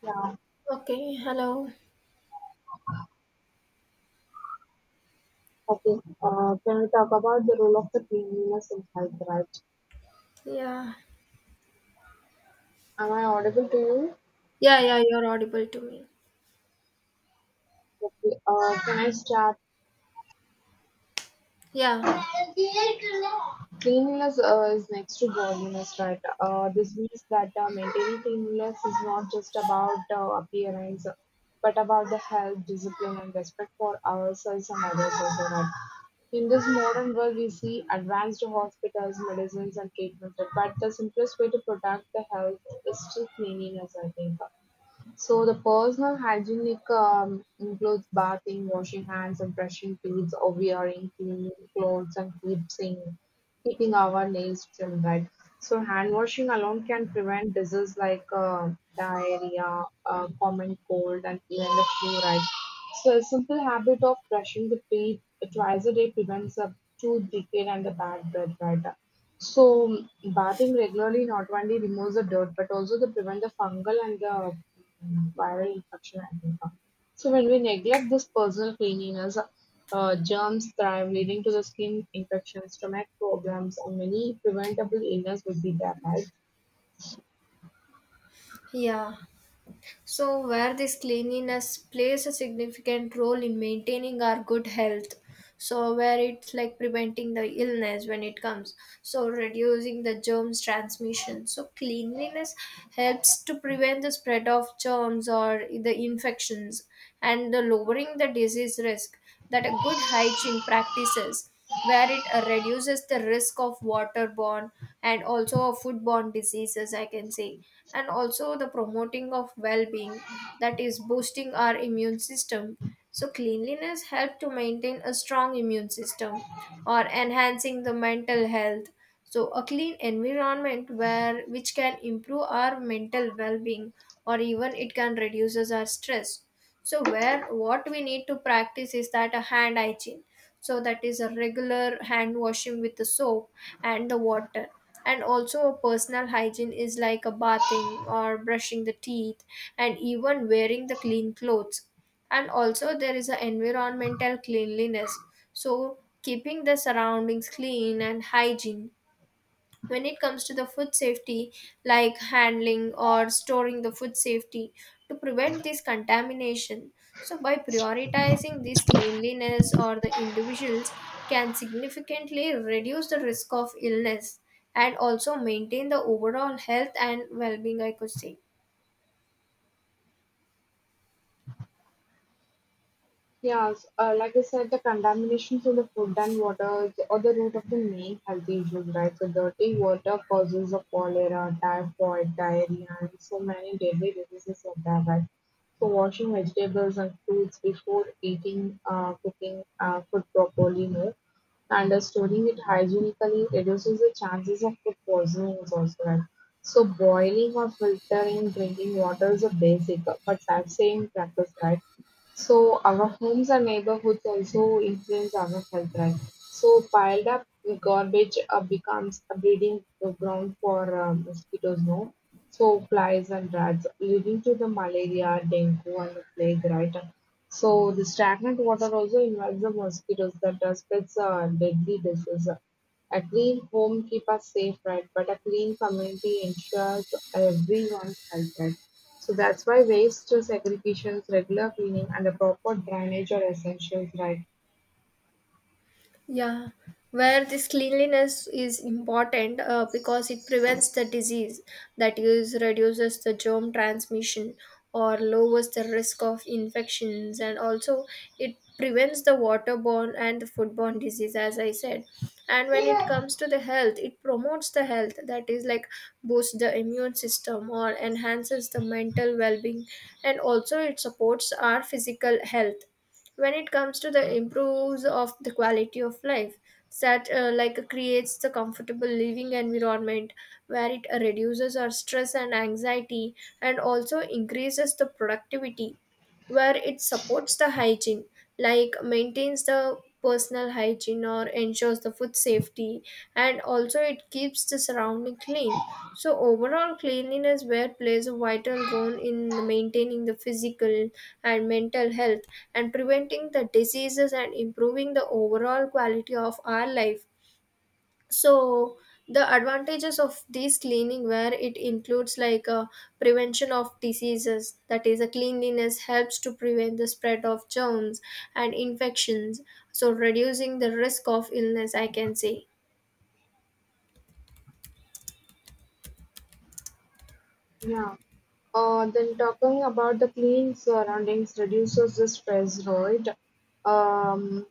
Yeah, Okay, hello. okay. Can we talk about the role of the cleanliness in health, right? Yeah. Am I audible to you? Yeah, yeah, you're audible to me. Okay, can I start? Yeah. Cleanliness is next to godliness, right? This means that maintaining cleanliness is not just about appearance, but about the health, discipline, and respect for ourselves and others also, right? In this modern world, we see advanced hospitals, medicines and treatments, but the simplest way to protect the health is still cleanliness, I think. So the personal hygienic includes bathing, washing hands, and brushing teeth, or wearing clean clothes, and keeping our nails trimmed. Right. So hand washing alone can prevent diseases like diarrhea, common cold, and even the flu. Right. So a simple habit of brushing the teeth twice a day prevents a tooth decay and the bad breath. Right. So bathing regularly not only removes the dirt but also the prevent the fungal and the viral infection and income. So when we neglect this personal cleanliness, germs thrive, leading to the skin infections, stomach problems, and many preventable illness would be there, right? Yeah. So where this cleanliness plays a significant role in maintaining our good health. So where it's like preventing the illness when it comes. So reducing the germs transmission. So cleanliness helps to prevent the spread of germs or the infections and the lowering the disease risk that a good hygiene practices where it reduces the risk of waterborne and also of foodborne diseases, I can say. And also the promoting of well-being, that is boosting our immune system. So cleanliness helps to maintain a strong immune system or enhancing the mental health. So a clean environment where which can improve our mental well-being or even it can reduces our stress. So where what we need to practice is that a hand hygiene, so that is a regular hand washing with the soap and the water. And also a personal hygiene is like a bathing or brushing the teeth and even wearing the clean clothes. And also there is a environmental cleanliness, so keeping the surroundings clean and hygiene. When it comes to the food safety, like handling or storing the food safety to prevent this contamination. So by prioritizing this cleanliness or the individuals can significantly reduce the risk of illness and also maintain the overall health and well-being, I could say. Yes, like I said, the contamination from the food and water is- or the root of the main health issues, right? So, dirty water causes of cholera, typhoid, diarrhea, and so many deadly diseases of that, right? So, washing vegetables and fruits before eating, cooking food properly, no, and storing it hygienically reduces the chances of food poisoning is also right. So boiling or filtering drinking water is a basic but that same practice, right? So our homes and neighborhoods also influence our health, right? So piled up garbage becomes a breeding ground for mosquitoes, no? So flies and rats, leading to the malaria, dengue, and the plague, right? So the stagnant water also invites the mosquitoes that spreads deadly disease. A clean home keep us safe, right? But a clean community ensures everyone's health, right? So that's why waste segregations, regular cleaning, and a proper drainage are essentials, right? Yeah, where this cleanliness is important because it prevents the disease, that is reduces the germ transmission or lowers the risk of infections, and also it prevents the waterborne and the foodborne disease, as I said. And when it Yeah. comes to the health, it promotes the health, that is like boosts the immune system or enhances the mental well-being, and also it supports our physical health. When it comes to the improves of the quality of life, that like creates the comfortable living environment where it reduces our stress and anxiety and also increases the productivity, where it supports the hygiene, like maintains the personal hygiene or ensures the food safety, and also it keeps the surrounding clean. So, overall, cleanliness wear plays a vital role in maintaining the physical and mental health and preventing the diseases and improving the overall quality of our life. So, the advantages of these cleaning wear, it includes like a prevention of diseases, that is a cleanliness helps to prevent the spread of germs and infections, so reducing the risk of illness, I can say. Then talking about the clean surroundings reduces the stress, right? Um,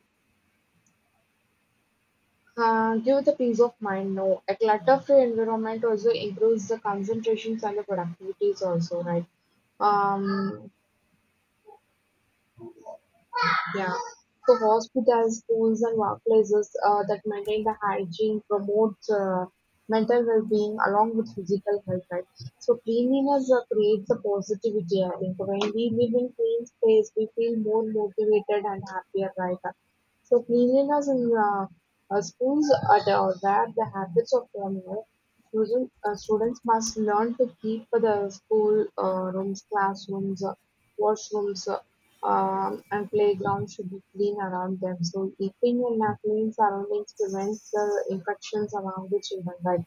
give the peace of mind. No, a clutter-free environment also improves the concentrations and the productivities also, right? Um, Yeah. So hospitals, schools, and workplaces that maintain the hygiene promote mental well-being along with physical health. Right? So cleanliness creates a positivity. I think when we live in clean space, we feel more motivated and happier. Right? So cleanliness in schools are the, where the habits of students must learn to keep the school rooms, classrooms, washrooms, and playgrounds should be clean around them. So eating in a clean surroundings prevents the infections among the children, right?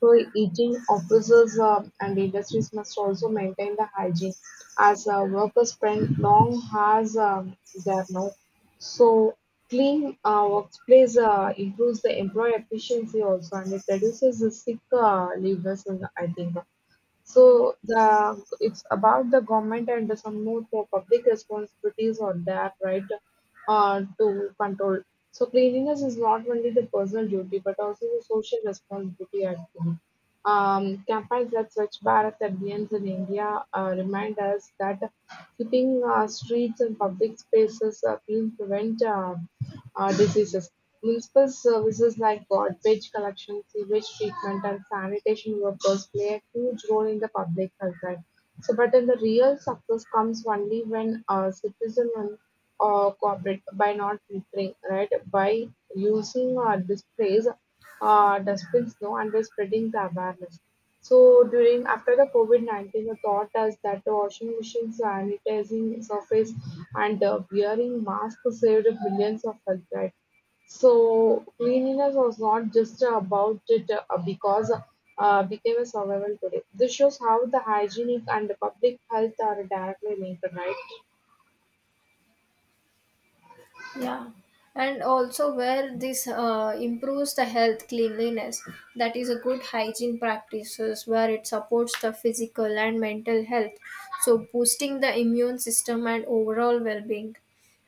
So eating officers and industries must also maintain the hygiene as workers spend long hours there now. So clean workplace improves the employee efficiency also and it reduces the sick leavers, and I think. So the it's about the government and some more for public responsibilities or that right to control. So cleanliness is not only the personal duty but also the social responsibility at home. Campaigns like Swachh Bharat Abhiyans in India remind us that keeping streets and public spaces clean prevent diseases. Municipal services like garbage collection, sewage treatment and sanitation workers play a huge role in the public health, right? So, but then the real success comes only when citizens cooperate by not littering, right? By using displays, dustbins, no, and by spreading the awareness. So during after the COVID 19, the thought is that the washing machines, sanitizing surface, and wearing masks saved billions of health. Right? So cleanliness was not just about it because became a survival today. This shows how the hygienic and the public health are directly linked, right? Yeah, and also where this improves the health cleanliness, that is a good hygiene practices where it supports the physical and mental health, so boosting the immune system and overall well being.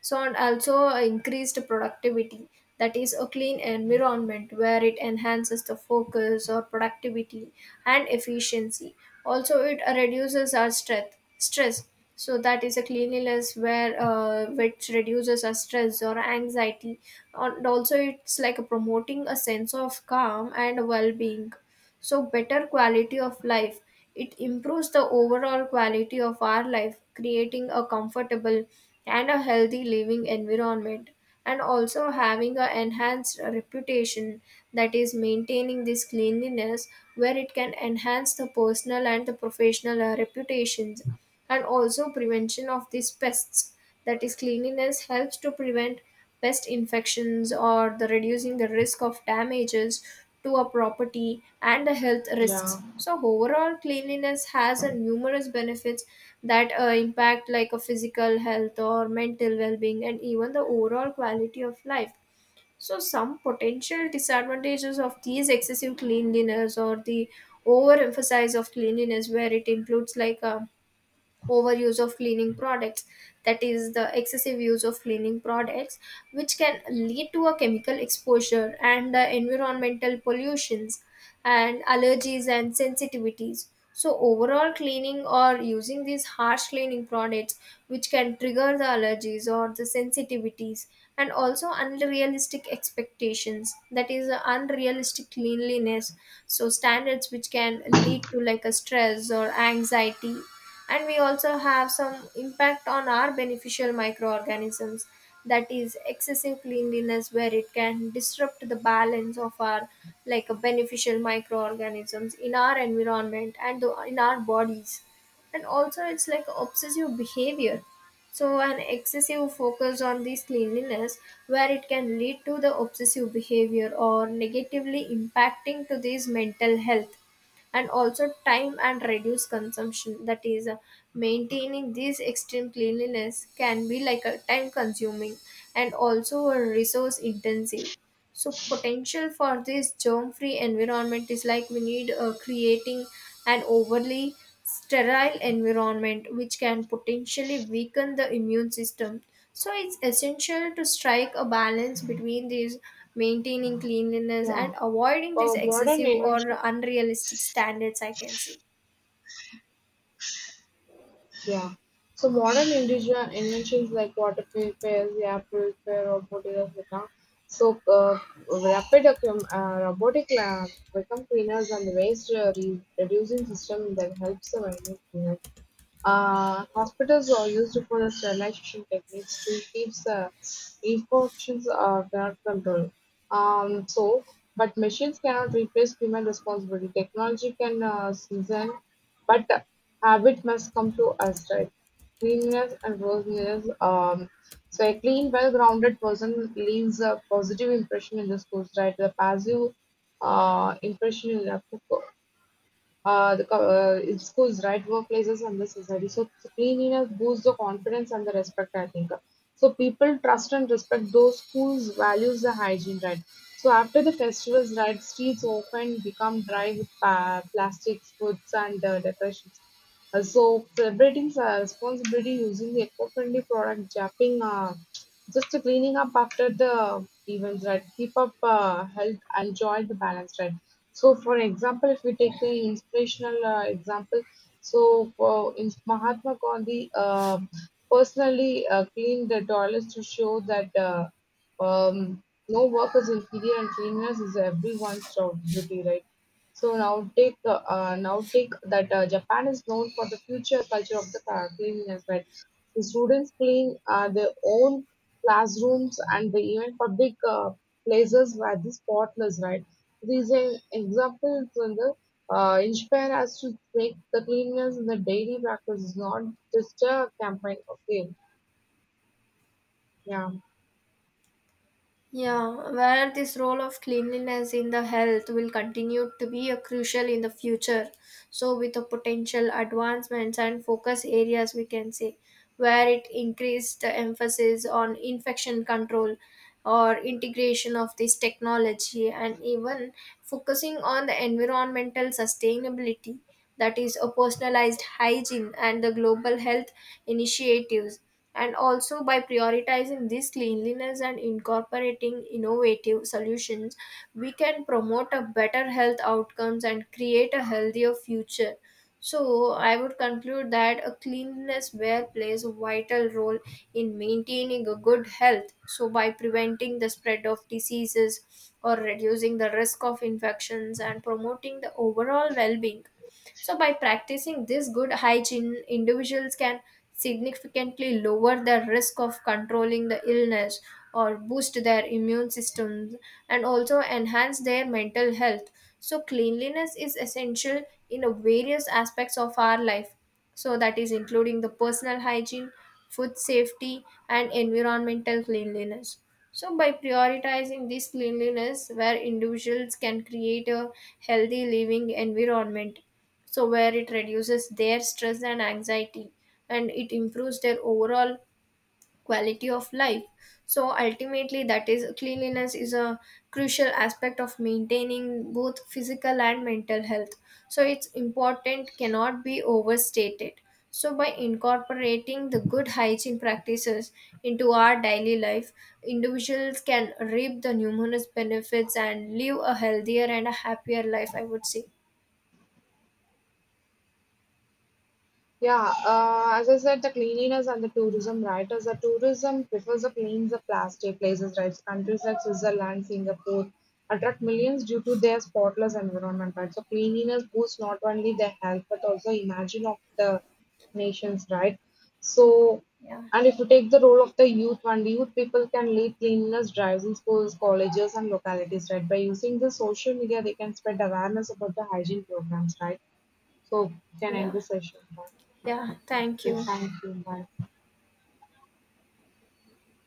So and also increased productivity, that is a clean environment where it enhances the focus or productivity and efficiency. Also it reduces our stress. So that is a cleanliness where which reduces our stress or anxiety and also it's like promoting a sense of calm and well-being. So better quality of life, it improves the overall quality of our life, creating a comfortable and a healthy living environment. And also having a enhanced reputation, that is maintaining this cleanliness where it can enhance the personal and the professional reputations. And also prevention of these pests, that is cleanliness helps to prevent pest infections or the reducing the risk of damages to a property and the health Yeah, risks. So overall cleanliness has a numerous benefits that impact like a physical health or mental well-being and even the overall quality of life. So some potential disadvantages of these excessive cleanliness or the overemphasize of cleanliness, where it includes like a overuse of cleaning products, that is the excessive use of cleaning products which can lead to a chemical exposure and the environmental pollutions and allergies and sensitivities. So overall cleaning or using these harsh cleaning products which can trigger the allergies or the sensitivities. And also unrealistic expectations, that is the unrealistic cleanliness, so standards which can lead to like a stress or anxiety. And we also have some impact on our beneficial microorganisms, that is excessive cleanliness where it can disrupt the balance of our like beneficial microorganisms in our environment and in our bodies. And also it's like obsessive behavior, so an excessive focus on this cleanliness where it can lead to the obsessive behavior or negatively impacting to this mental health. And also time and reduce consumption, that is maintaining this extreme cleanliness can be like a time consuming and also a resource intensive. So potential for this germ-free environment is like we need creating an overly sterile environment which can potentially weaken the immune system. So it's essential to strike a balance between these maintaining cleanliness and yeah. avoiding these Modern excessive or inventions, unrealistic standards, I can say. yeah. So modern individual inventions like water purifiers, air purifier, robotic, etc. So robotic become cleaners and waste reducing system that helps the environment. Hospitals are used for the sterilization techniques to keep the infections under control. So, but machines cannot replace human responsibility. Technology can season, but habit must come to us, right? Cleanliness and rosenness. So, a clean, well-grounded person leaves a positive impression in the schools, right? The passive impression in the the in schools, right, workplaces, and the society. So, cleanliness boosts the confidence and the respect, I think. So people trust and respect those whose values the hygiene, right? So after the festivals, right, streets often become dry with plastics, foods, and decorations. So celebrating responsibility using the eco-friendly product, japping, just cleaning up after the events, right? Keep up health and joy the balance, right? So, for example, if we take the inspirational example, so in Mahatma Gandhi personally cleaned the toilets to show that um, no work is inferior and cleanliness is everyone's job duty, right? So now take that Japan is known for the future culture of the cleanliness, right? The students clean their own classrooms and the even public places were the spotless, right? These examples inspire us to make the cleanliness in the daily practice is not just a campaign. Okay, yeah. Yeah, where this role of cleanliness in the health will continue to be a crucial in the future. So, with the potential advancements and focus areas, we can say where it increased the emphasis on infection control or integration of this technology and even focusing on the environmental sustainability, that is a personalized hygiene and the global health initiatives. And also by prioritizing this cleanliness and incorporating innovative solutions, we can promote a better health outcomes and create a healthier future. So I would conclude that a cleanliness wear plays a vital role in maintaining a good health, so by preventing the spread of diseases or reducing the risk of infections and promoting the overall well-being. So, by practicing this good hygiene, individuals can significantly lower the risk of controlling the illness or boost their immune systems and also enhance their mental health. So, cleanliness is essential in a various aspects of our life. So, that is including the personal hygiene, food safety, and environmental cleanliness. So, by prioritizing this cleanliness, where individuals can create a healthy living environment, so where it reduces their stress and anxiety and it improves their overall quality of life. So ultimately, that is cleanliness is a crucial aspect of maintaining both physical and mental health. So its important cannot be overstated. So by incorporating the good hygiene practices into our daily life, individuals can reap the numerous benefits and live a healthier and a happier life, I would say. Yeah, as I said, the cleanliness and the tourism, right? As the tourism prefers the plains, the plastic places, right? Countries like Switzerland, Singapore attract millions due to their spotless environment, right? So cleanliness boosts not only the health but also imagine of the nations, right? So, Yeah. and if you take the role of the youth, and youth people can lead cleanliness drives in schools, colleges, and localities, right? By using the social media, they can spread awareness about the hygiene programs, right? So, we can end Yeah. the session. Right? Yeah, thank Okay. you. Thank you, Marvel.